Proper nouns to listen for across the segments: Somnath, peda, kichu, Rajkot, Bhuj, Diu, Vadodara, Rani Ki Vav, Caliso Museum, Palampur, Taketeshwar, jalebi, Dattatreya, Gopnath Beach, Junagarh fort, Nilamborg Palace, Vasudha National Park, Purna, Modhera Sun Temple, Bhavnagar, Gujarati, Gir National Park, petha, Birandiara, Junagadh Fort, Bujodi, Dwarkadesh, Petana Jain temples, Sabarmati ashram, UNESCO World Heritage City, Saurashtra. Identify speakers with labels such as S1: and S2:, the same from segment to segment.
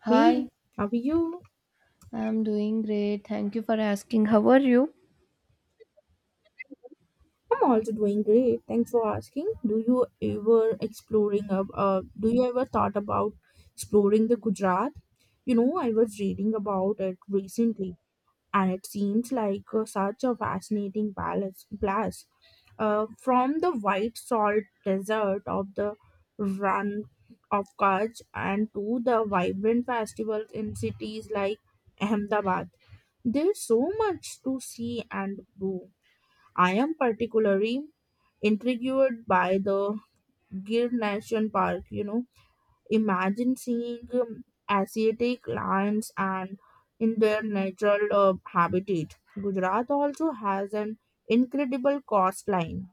S1: Hey,
S2: Hi,
S1: how are you?
S2: I'm doing great. Thank you for asking. How are you?
S1: I'm also doing great. Thanks for asking. Do you ever exploring ab- do you ever thought about exploring the Gujarat? You know, I was reading about it recently and it seems like such a fascinating palace place. From the white salt desert of the run of Kutch and to the vibrant festivals in cities like Ahmedabad. There's so much to see and do. I am particularly intrigued by the Gir National Park. You know, imagine seeing Asiatic lions and in their natural habitat. Gujarat also has an incredible coastline.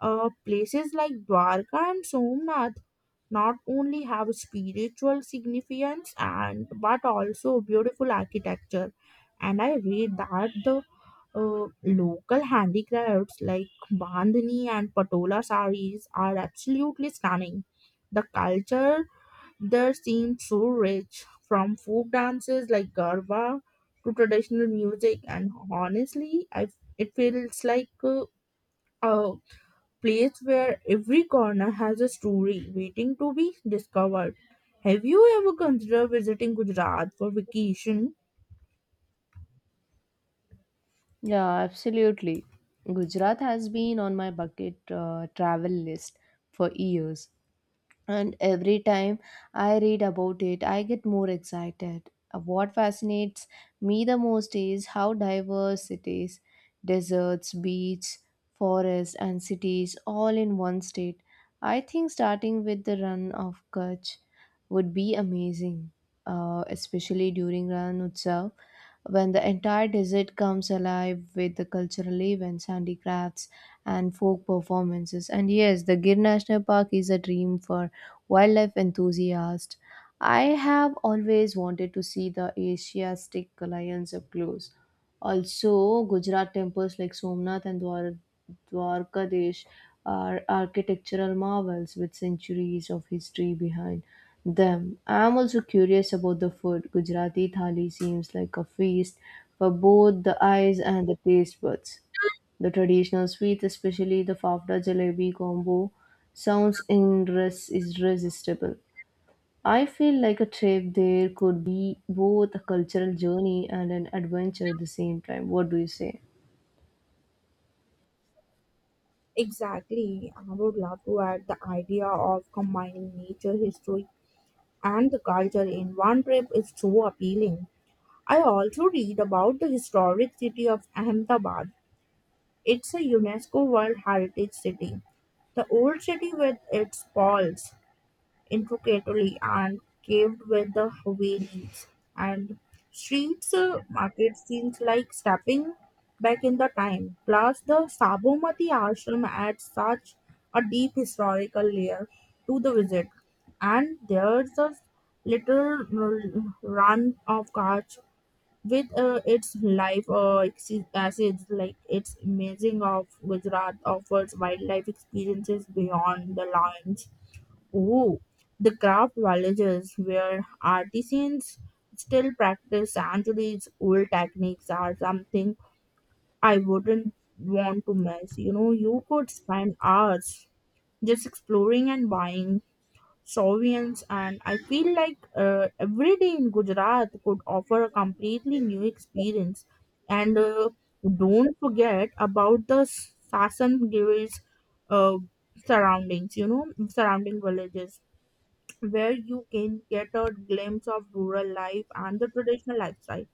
S1: Places like Dwarka and Somnath not only have spiritual significance and but also beautiful architecture, and I read that the uh, local handicrafts like bandhani and patola saris are absolutely stunning. The culture there seems so rich, from folk dances like garba to traditional music. And honestly, I, it feels like a place where every corner has a story waiting to be discovered. Have you ever considered visiting Gujarat for vacation?
S2: Yeah, absolutely. Gujarat has been on my bucket travel list for years. And every time I read about it, I get more excited. What fascinates me the most is how diverse it is: deserts, beaches, forests, and cities all in one state. I think starting with the run of Kutch would be amazing, especially during Ran Utsav when the entire desert comes alive with the cultural events, handicrafts, and folk performances. And yes, the Gir National Park is a dream for wildlife enthusiasts. I have always wanted to see the Asiatic lions up close. Also, Gujarat temples like Somnath and Dwarkadesh are architectural marvels with centuries of history behind them. I am also curious about the food. Gujarati thali seems like a feast for both the eyes and the taste buds. The traditional sweets, especially the fafda jalebi combo, sounds irresistible. I feel like a trip there could be both a cultural journey and an adventure at the same time. What do you say?
S1: Exactly. I would love to add the idea of combining nature, history, and the culture in one trip is so appealing. I also read about the historic city of Ahmedabad. It's a UNESCO World Heritage City. The old city with its walls, intricately and caved with the Havelis and streets, market, seems like stepping back in the time. Plus, the Sabarmati ashram adds such a deep historical layer to the visit. And there's a little r- run of cars with its life, exi- acids, like its amazing of Gujarat offers wildlife experiences beyond the lines. Ooh, the craft villages where artisans still practice centuries old techniques are something I wouldn't want to miss. You know, you could spend hours just exploring and buying souvenirs, and I feel like every day in Gujarat could offer a completely new experience. And don't forget about the Sasan Giri's uh, surroundings, you know, surrounding villages where you can get a glimpse of rural life and the traditional lifestyle.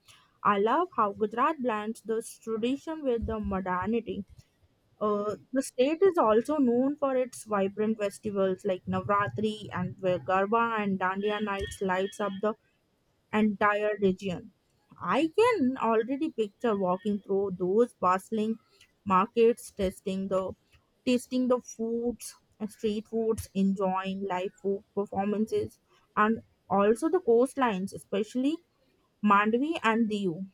S1: I love how Gujarat blends this tradition with the modernity. The state is also known for its vibrant festivals like Navratri, and where Garba and Dandiya nights lights up the entire region. I can already picture walking through those bustling markets, tasting the foods, street foods, enjoying live food performances, and also the coastlines, especially Mandvi and Diu,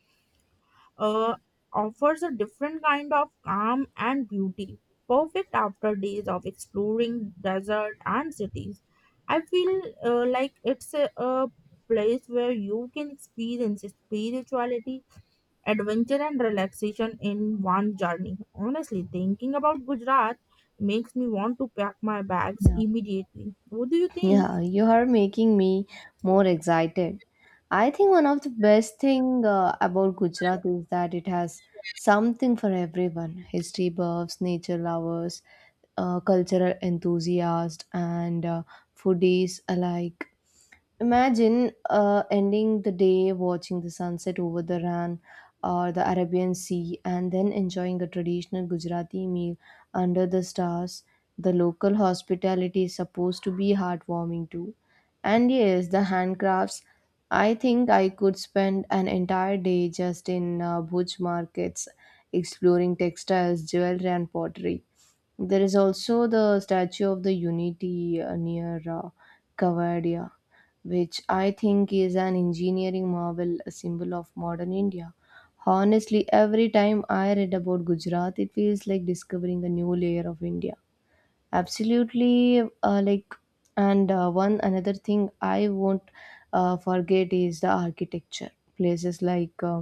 S1: uh, offers a different kind of calm and beauty, perfect after days of exploring desert and cities. I feel like it's a place where you can experience spirituality, adventure, and relaxation in one journey. Honestly, thinking about Gujarat makes me want to pack my bags
S2: Yeah.
S1: immediately. What do you think?
S2: Yeah, you are making me more excited. I think one of the best thing about Gujarat is that it has something for everyone. History buffs, nature lovers, cultural enthusiasts, and foodies alike. Imagine ending the day watching the sunset over the Ran or the Arabian Sea and then enjoying a traditional Gujarati meal under the stars. The local hospitality is supposed to be heartwarming too. And yes, the handcrafts. I think I could spend an entire day just in butch markets exploring textiles, jewelry, and pottery. There is also the Statue of the Unity near Kavadia, which I think is an engineering marvel, a symbol of modern India. Honestly, every time I read about Gujarat, it feels like discovering a new layer of India. Absolutely, and one another thing I won't forget is the architecture. Places like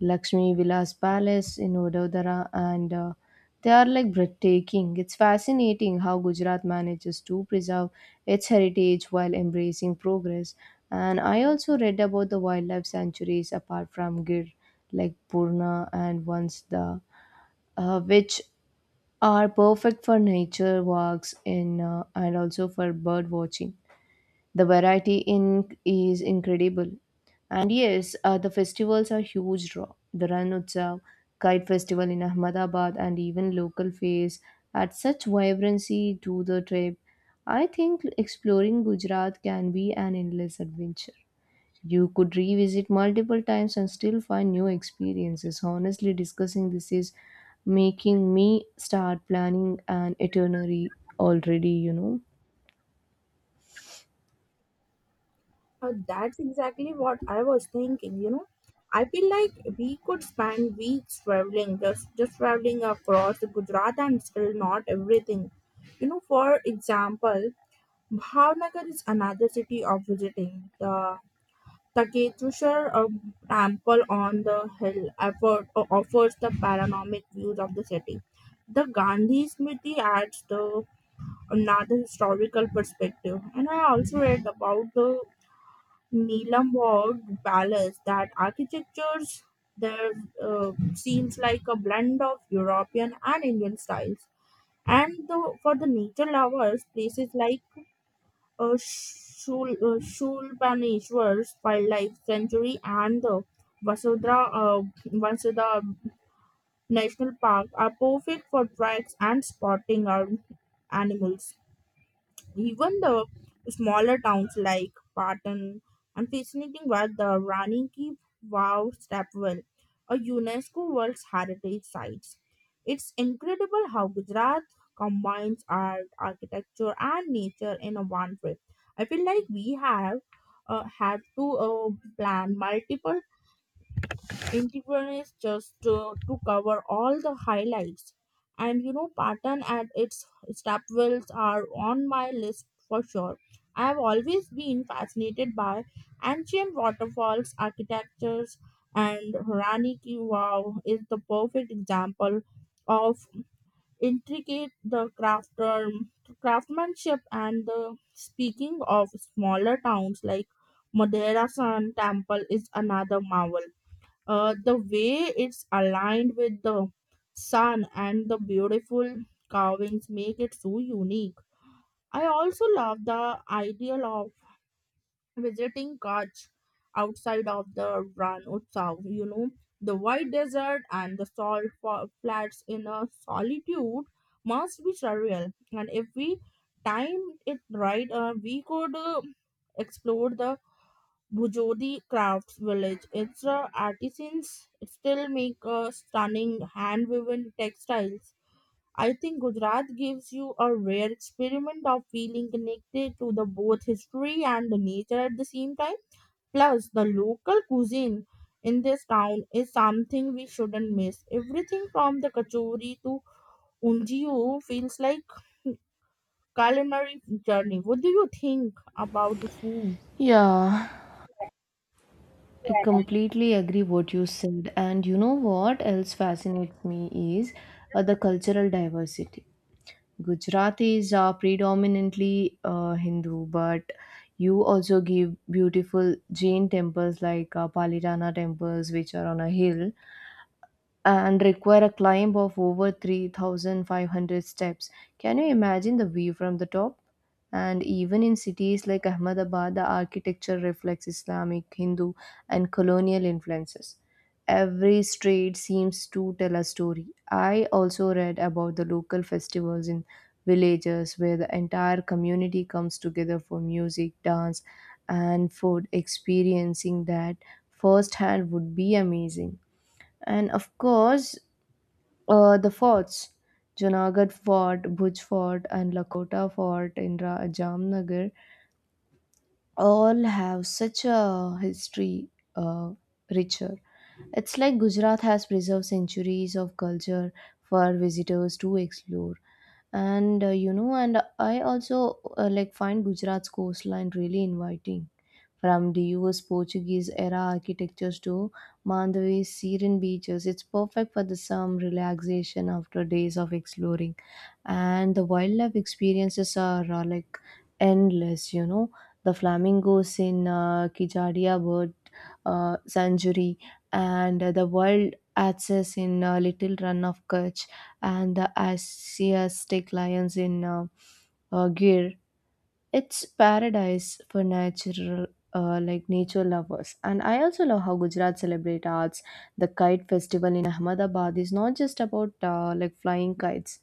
S2: Lakshmi Vilas Palace in Vadodara, and they are like breathtaking. It's fascinating how Gujarat manages to preserve its heritage while embracing progress. And I also read about the wildlife sanctuaries apart from Gir, like Purna and once the which are perfect for nature walks in and also for bird watching. The variety in is incredible. And yes, the festivals are huge draw. The Ran Utsav, Kite Festival in Ahmedabad, and even local fairs add such vibrancy to the trip. I think exploring Gujarat can be an endless adventure. You could revisit multiple times and still find new experiences. Honestly, discussing this is making me start planning an itinerary already, you know.
S1: That's exactly what I was thinking, you know. I feel like we could spend weeks traveling, just traveling across Gujarat and still not everything. You know, for example, Bhavnagar is another city of visiting. The Taketeshwar temple on the hill effort, offers the panoramic views of the city. The Gandhi Smriti adds the another historical perspective. And I also read about the Nilamborg Palace, that architectures there seems like a blend of European and Indian styles. And the, for the nature lovers, places like Shulpaneshwar's Wildlife Sanctuary and the Vasudha, uh, Vasudha National Park are perfect for treks and spotting our animals. Even the smaller towns like Patan and fascinating were the Rani Ki Vav Stepwell, a UNESCO World Heritage Sites. It's incredible how Gujarat combines art, architecture, and nature in a one trip. I feel like we have had to plan multiple Integral just to cover all the highlights. And you know, Patan and its stepwells are on my list for sure. I have always been fascinated by ancient waterfalls, architectures, and Rani Ki Vav is the perfect example of intricate the craftsmanship, and the speaking of smaller towns like Madeira Sun Temple is another marvel. The way it's aligned with the sun and the beautiful carvings make it so unique. I also love the idea of visiting Kutch outside of the Ran Utsav, you know, the white desert and the salt fa- flats in a solitude must be surreal. And if we timed it right, we could explore the Bujodi crafts village. Its artisans still make stunning hand woven textiles. I think Gujarat gives you a rare experiment of feeling connected to the both history and the nature at the same time. Plus, the local cuisine in this town is something we shouldn't miss. Everything from the kachori to unjiu feels like culinary journey. What do you think about the food?
S2: Yeah, I completely agree what you said. And you know what else fascinates me is the cultural diversity. Gujaratis are predominantly Hindu, but you also give beautiful Jain temples like Palitana temples, which are on a hill and require a climb of over 3,500 steps. Can you imagine the view from the top? And even in cities like Ahmedabad, the architecture reflects Islamic, Hindu, and colonial influences. Every street seems to tell a story. I also read about the local festivals in villages where the entire community comes together for music, dance, and food. Experiencing that firsthand would be amazing. And of course, the forts Junagadh Fort, Bhuj Fort, and Lakota Fort in Jamnagar all have such a history uh, richer. It's like Gujarat has preserved centuries of culture for visitors to explore, and you know, and I also like find Gujarat's coastline really inviting, from the US Portuguese era architectures to Mandavi's serene beaches. It's perfect for the some relaxation after days of exploring, and the wildlife experiences are like endless, you know. The flamingos in Kijadia bird sanctuary, and the wild axes in little run of Kutch, and the Asiatic lions in gear, it's paradise for natural, like nature lovers. And I also love how Gujarat celebrate arts. The Kite Festival in Ahmedabad is not just about like flying kites,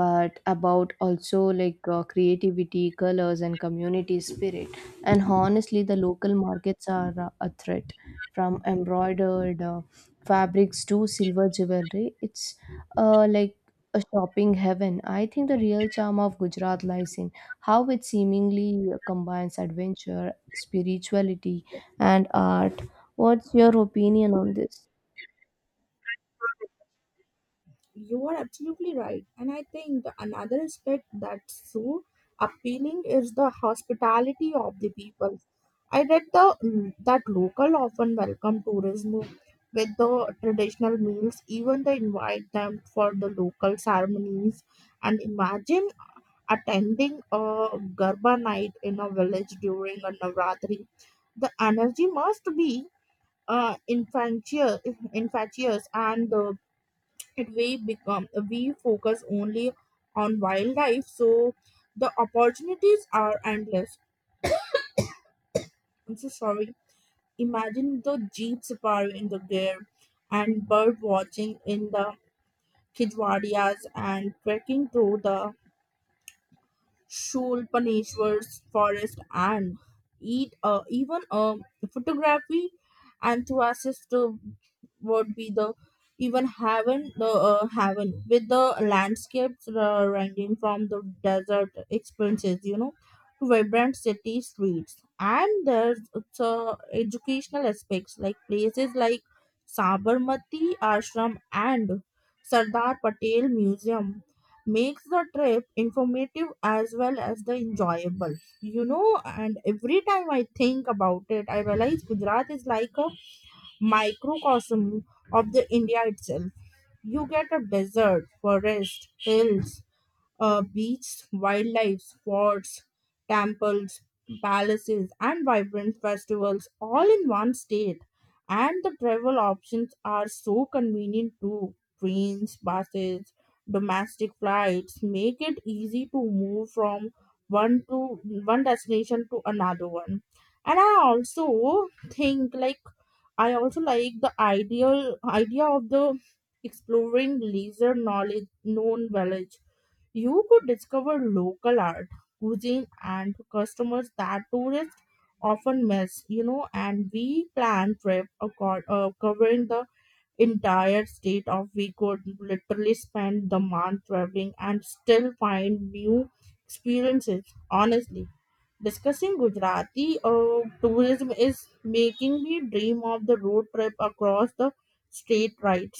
S2: but about also like creativity, colors, and community spirit. And honestly, the local markets are a threat. From embroidered fabrics to silver jewelry, it's uh, like a shopping heaven. I think the real charm of Gujarat lies in how it seemingly combines adventure, spirituality, and art. What's your opinion on this?
S1: You are absolutely right. And I think the another aspect that's so appealing is the hospitality of the people. I read the that local often welcome tourism with the traditional meals, even they invite them for the local ceremonies. And imagine attending a Garba night in a village during a Navratri. The energy must be uh, infectious, infectious, and the market we become we focus only on wildlife, so the opportunities are endless. I'm so sorry. Imagine the jeep safari in the gear and bird watching in the Kijwadias and trekking through the Shulpaneshwar's forest, and eat, even a photography enthusiast would be the even heaven, the heaven with the landscapes ranging from the desert experiences, you know, to vibrant city streets. And there's educational aspects like places like Sabarmati ashram and Sardar Patel museum makes the trip informative as well as the enjoyable, you know. And every time I think about it, I realize Gujarat is like a microcosm of the India itself. You get a desert, forest, hills, beaches, wildlife spots, temples, palaces, and vibrant festivals all in one state. And the travel options are so convenient too. Trains, buses, domestic flights make it easy to move from one destination to another one. And I also think like I also like the ideal idea of the exploring leisure knowledge known village. You could discover local art, cuisine, and customers that tourists often miss, you know. And we plan trip accord, covering the entire state of. We could literally spend the month traveling and still find new experiences. Honestly, discussing Gujarati tourism is making me dream of the road trip across the state. Right,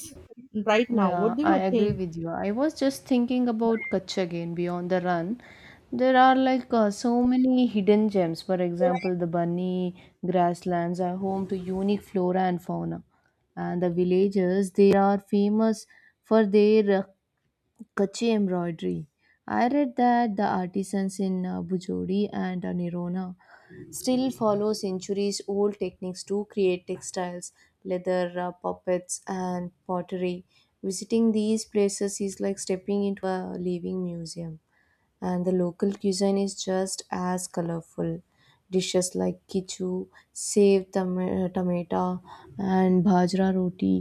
S1: right now.
S2: Yeah,
S1: What do
S2: I
S1: you
S2: agree
S1: think?
S2: with you. I was just thinking about Kutch again beyond the run. There are like so many hidden gems. For example, the bunny grasslands are home to unique flora and fauna. And the villagers, they are famous for their kachi embroidery. I read that the artisans in Bujodi and Nirona still follow centuries old techniques to create textiles, leather, puppets, and pottery. Visiting these places is like stepping into a living museum, and the local cuisine is just as colorful. Dishes like kichu, tomato, and bajra roti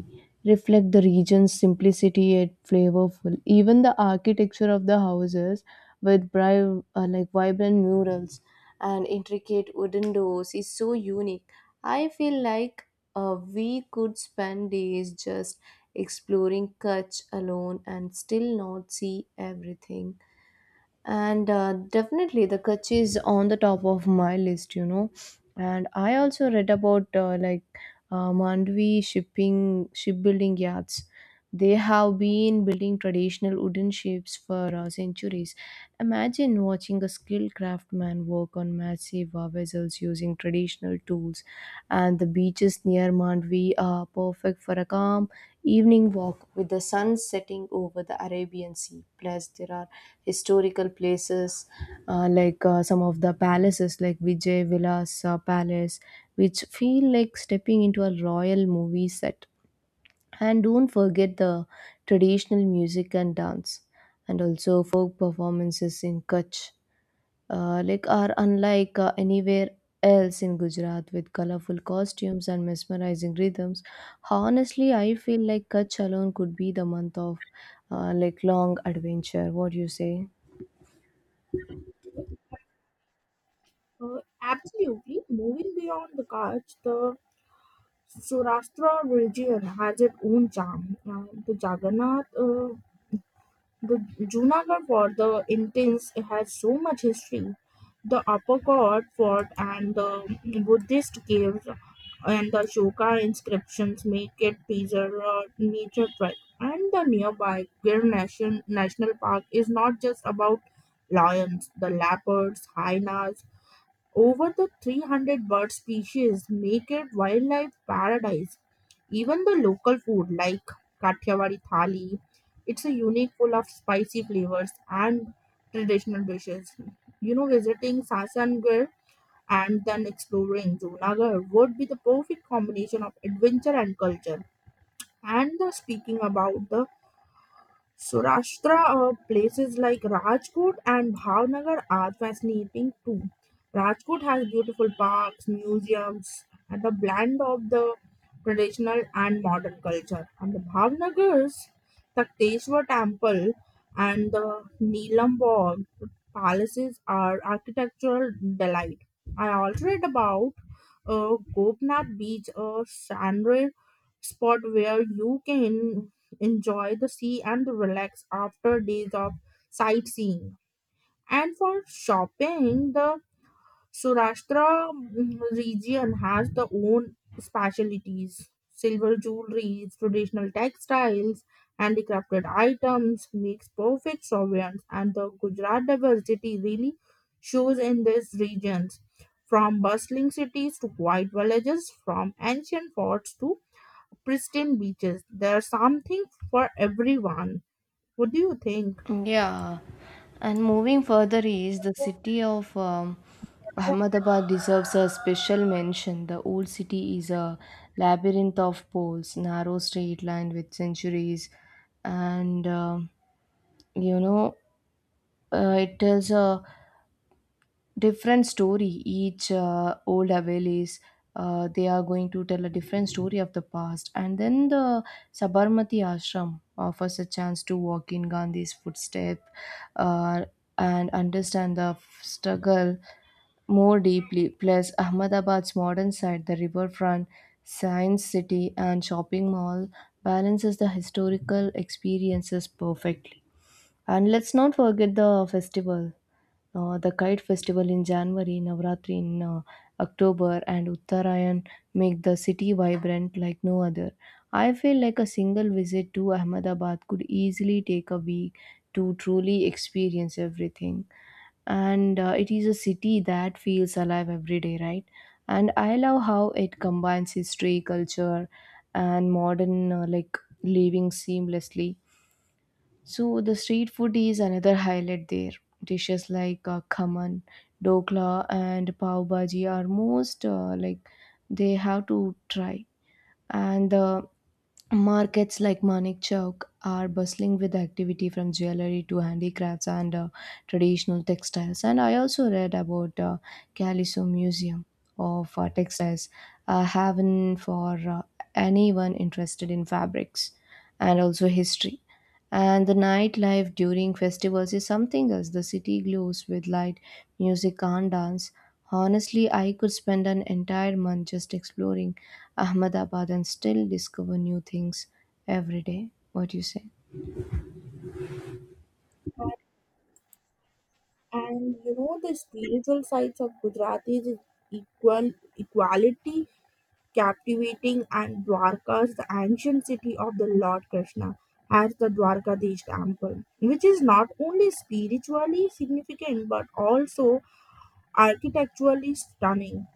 S2: reflect the region's simplicity yet flavorful. Even the architecture of the houses, with like vibrant murals and intricate wooden doors, is so unique. I feel like we could spend days just exploring Kutch alone and still not see everything. And definitely the Kutch is on the top of my list, you know. And I also read about Mandvi shipping shipbuilding yards. They have been building traditional wooden ships for centuries. Imagine watching a skilled craftsman work on massive vessels using traditional tools. And the beaches near Mandvi are perfect for a calm evening walk with the sun setting over the Arabian Sea. Plus, there are historical places some of the palaces like Vijay Vilas Palace, which feel like stepping into a royal movie set. And don't forget the traditional music and dance, and also folk performances in Kutch, like are unlike anywhere else in Gujarat, with colorful costumes and mesmerizing rhythms. Honestly, I feel like Kutch alone could be the month of like long adventure. What do you say?
S1: Absolutely. Moving beyond the Kutch, the Saurashtra region has its own charm. The Jagannath, the Junagarh fort, the intense, it has so much history. The Upper Court fort and the Buddhist caves and the Shoka inscriptions make it preserve a nature track. And the nearby Gir Nation National Park is not just about lions, the leopards, hyenas, over the 300 bird species make it wildlife paradise. Even the local food like Kathiawadi thali, it's a unique full of spicy flavors and traditional dishes. You know, visiting Sasangarh and then exploring Junagarh would be the perfect combination of adventure and culture. And the speaking about the Saurashtra, places like Rajkot and Bhavnagar are fascinating too. Rajkot has beautiful parks, museums, and a blend of the traditional and modern culture. And the Bhavnagar's Takteshwar Temple and the Neelam Bog palaces are architectural delight. I also read about Gopnath Beach, a sandwich spot where you can enjoy the sea and relax after days of sightseeing. And for shopping, the Surashtra region has the own specialties. Silver jewelry, traditional textiles, handicrafted items makes perfect sovereigns, and the Gujarat diversity really shows in these regions. From bustling cities to quiet villages, from ancient forts to pristine beaches, there's something for everyone. What do you think?
S2: Yeah, and moving further is the city of Ahmedabad deserves a special mention. The old city is a labyrinth of poles, narrow street lined with centuries, and you know, it tells a different story. Each old havalis, they are going to tell a different story of the past. And then the Sabarmati ashram offers a chance to walk in Gandhi's footstep uh, and understand the struggle more deeply. Plus Ahmedabad's modern side, the riverfront, science city, and shopping mall balances the historical experiences perfectly. And let's not forget the festival, the Kite Festival in January, Navratri in October, and Uttarayan make the city vibrant like no other. I feel like a single visit to Ahmedabad could easily take a week to truly experience everything. And it is a city that feels alive every day, right? And I love how it combines history, culture, and modern, like living, seamlessly. So the street food is another highlight there. Dishes like khaman, dokla, and pav bhaji are most like they have to try. And markets like Manik Chowk are bustling with activity, from jewelry to handicrafts and traditional textiles. And I also read about Caliso Museum of Textiles, a haven for anyone interested in fabrics and also history. And the nightlife during festivals is something else. The city glows with light, music, and dance. Honestly, I could spend an entire month just exploring Ahmedabad and still discover new things every day. What do you say?
S1: And you know, the spiritual sides of Gujarati is equal equality, captivating, and Dwarka is the ancient city of the Lord Krishna has the Dwarkadish temple, which is not only spiritually significant but also architecturally stunning.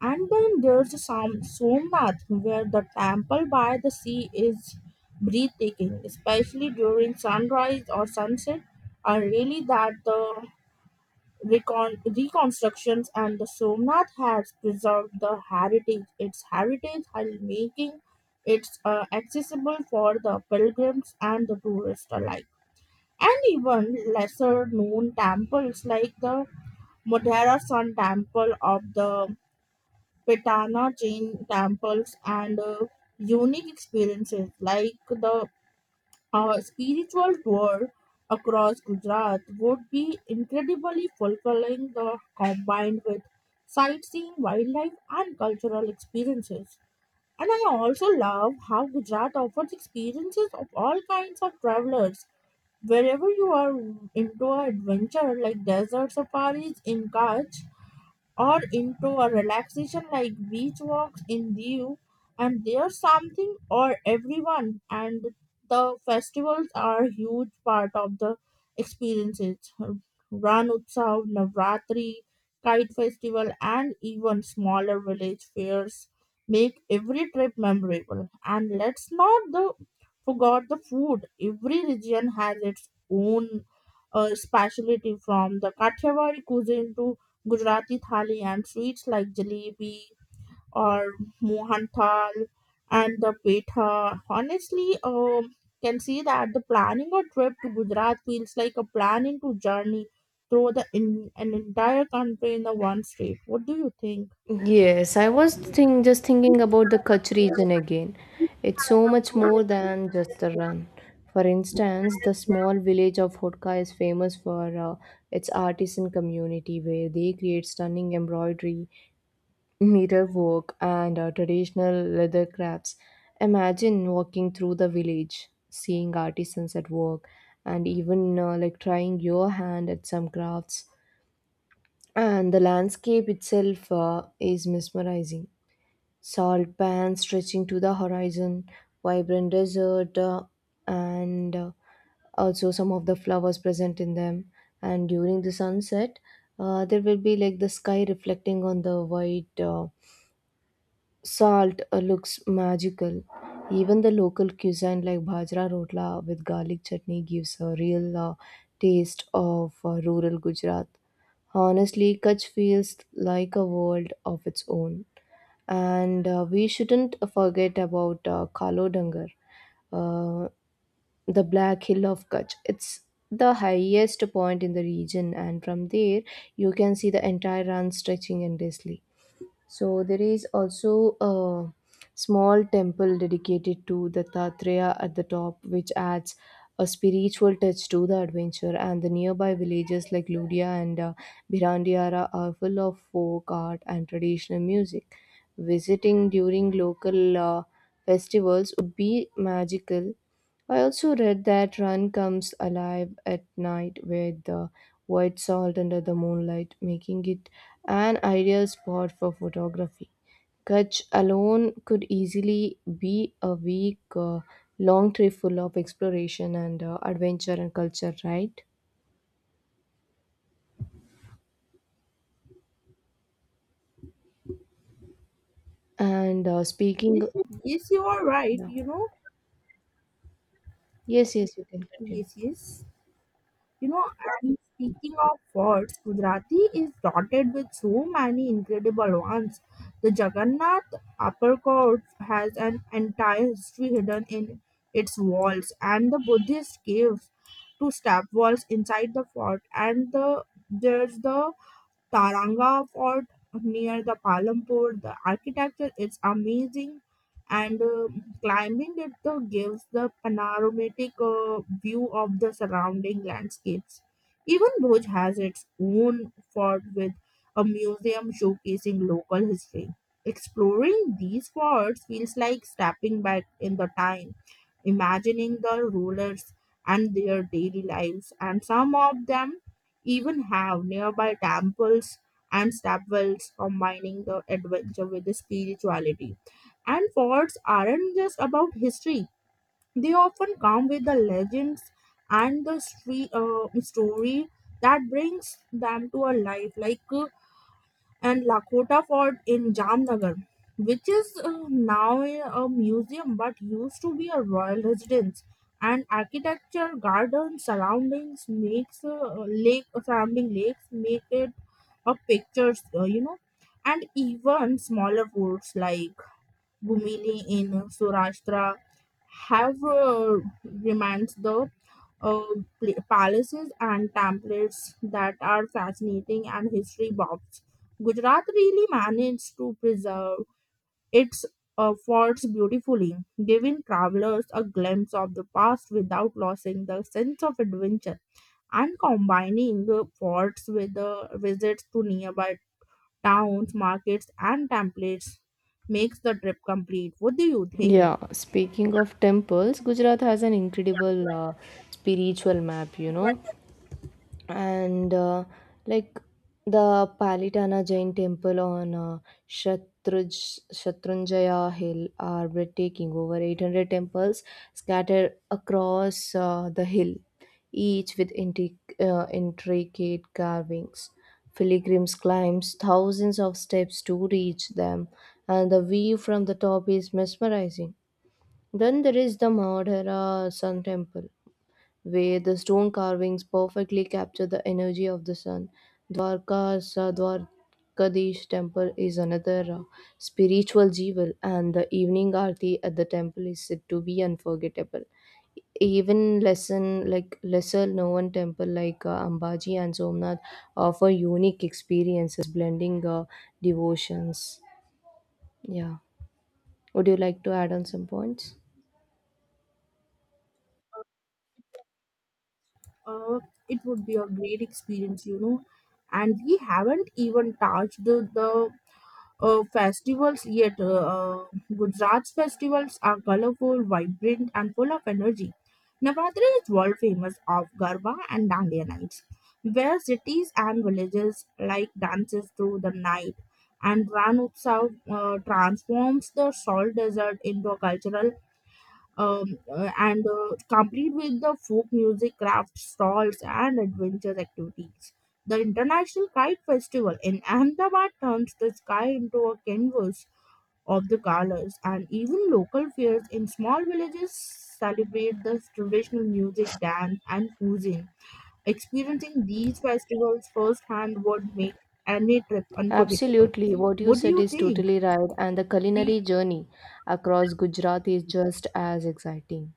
S1: And then there's some Somnath, where the temple by the sea is breathtaking, especially during sunrise or sunset. Are really that the reconstructions and the Somnath has preserved the heritage, its heritage, while making it accessible for the pilgrims and the tourists alike. And even lesser known temples like the Modhera Sun Temple of the Petana Jain temples and unique experiences like the a spiritual tour across Gujarat would be incredibly fulfilling, the combined with sightseeing, wildlife, and cultural experiences. And I also love how Gujarat offers experiences of all kinds of travelers. Wherever you are into adventure like desert safaris in Kutch or into a relaxation like beach walks in Diu, and there's something or everyone, and the festivals are a huge part of the experiences. Ran Utsav, Navratri, Kite Festival, and even smaller village fairs make every trip memorable. And let's not the, forget the food. Every region has its own specialty, from the Kathiyawadi cuisine to Gujarati thali and sweets like jalebi or mohan thal and the petha. Honestly, can see that the planning a trip to Gujarat feels like a planning to journey through the in, an entire country in the one state. What do you think?
S2: Yes, I was just thinking about the Kutch region again. It's so much more than just a run. For instance, the small village of Hotka is famous for its artisan community where they create stunning embroidery, mirror work, and traditional leather crafts. Imagine walking through the village, seeing artisans at work, and even like trying your hand at some crafts. And the landscape itself is mesmerizing. Salt pans stretching to the horizon, vibrant desert, and also some of the flowers present in them. And during the sunset, there will be like the sky reflecting on the white, salt, looks magical. Even the local cuisine like bajra rotla with garlic chutney gives a real taste of rural Gujarat. Honestly, Kutch feels like a world of its own. And we shouldn't forget about Kalo Dangar, uh, the Black Hill of Kutch. It's the highest point in the region, and from there you can see the entire run stretching endlessly. So there is also a small temple dedicated to Dattatreya at the top, which adds a spiritual touch to the adventure. And the nearby villages like Ludia and Birandiara are full of folk art and traditional music. Visiting during local festivals would be magical. I also read that Run comes alive at night with the white salt under the moonlight, making it an ideal spot for photography. Kutch alone could easily be a week long trip full of exploration and adventure and culture, right? And speaking,
S1: Yes, you are right.
S2: yeah.
S1: You know,
S2: Yes, yes, you can continue.
S1: yes, yes. You know, and speaking of words, Gujarati is dotted with so many incredible ones. The Jagannath Upper Court has an entire history hidden in its walls, and the Buddhist caves, two step walls inside the fort, and the there's the Taranga Fort near the Palampur. The architecture is amazing, and climbing it gives the panoramic view of the surrounding landscapes. Even Bhuj has its own fort with a museum showcasing local history. Exploring these forts feels like stepping back in the time, imagining the rulers and their daily lives, and some of them even have nearby temples and stepwells combining the adventure with the spirituality. And forts aren't just about history, they often come with the legends and the story that brings them to a life. Like and Lakota Fort in Jamnagar, which is now a museum but used to be a royal residence. And architecture, garden surroundings makes lake surrounding lakes make it a pictures, you know, and even smaller forts like Gumili in Surashtra have remains the uh, palaces and templates that are fascinating and history buffs. Gujarat really managed to preserve its forts beautifully, giving travelers a glimpse of the past without losing the sense of adventure. And combining the forts with the visits to nearby towns, markets, and templates makes the trip complete. What do you think?
S2: Yeah, speaking of temples, Gujarat has an incredible spiritual map, you know. And like the Palitana Jain temple on Shatrunjaya Hill are breathtaking. Over 800 temples scattered across the hill, each with intricate carvings. Pilgrims climbs thousands of steps to reach them, and the view from the top is mesmerizing. Then there is the Madhara Sun Temple where the stone carvings perfectly capture the energy of the sun. Dwarka's Dwarkadish temple is another spiritual jewel, and the evening aarti at the temple is said to be unforgettable. Even lesson like lesser known temple like Ambaji and Somnath offer unique experiences blending devotions. Yeah, would you like to add on some points?
S1: Uh, it would be a great experience, you know. And we haven't even touched the festivals yet. Gujarat's festivals are colorful, vibrant, and full of energy. Navratri is world famous of Garba and Dandiya nights, where cities and villages like dances through the night. And Ran Utsav transforms the salt desert into a cultural and complete with the folk music, craft stalls, and adventure activities. The International Kite Festival in Ahmedabad turns the sky into a canvas of the colors, and even local fairs in small villages celebrate the traditional music, dance, and cuisine. Experiencing these festivals firsthand would make any trip unforgettable.
S2: Absolutely, what you
S1: What do
S2: said
S1: you
S2: is
S1: think?
S2: totally right, and the
S1: We
S2: culinary journey across Gujarat is just as exciting.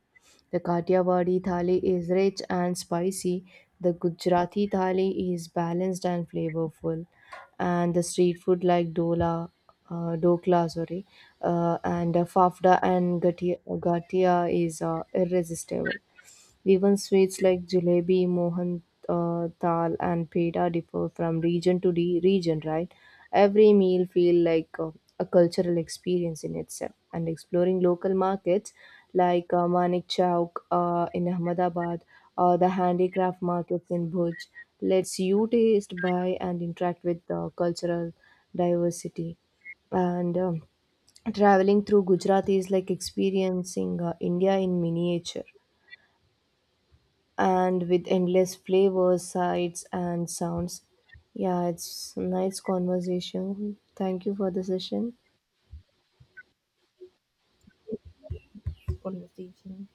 S2: The Kathiawadi thali is rich and spicy, the Gujarati thali is balanced and flavorful, and the street food like dokla, sorry, and fafda and gatia is irresistible. Even sweets like jalebi, mohan dal, and peda differ from region to region, right? Every meal feel like a cultural experience in itself. And exploring local markets like Manik Chowk in Ahmedabad or the handicraft markets in Bhuj lets you taste, buy, and interact with the cultural diversity. And traveling through Gujarat is like experiencing India in miniature and with endless flavors, sights, and sounds. Yeah, it's nice conversation. Thank you for the session.
S1: conversation.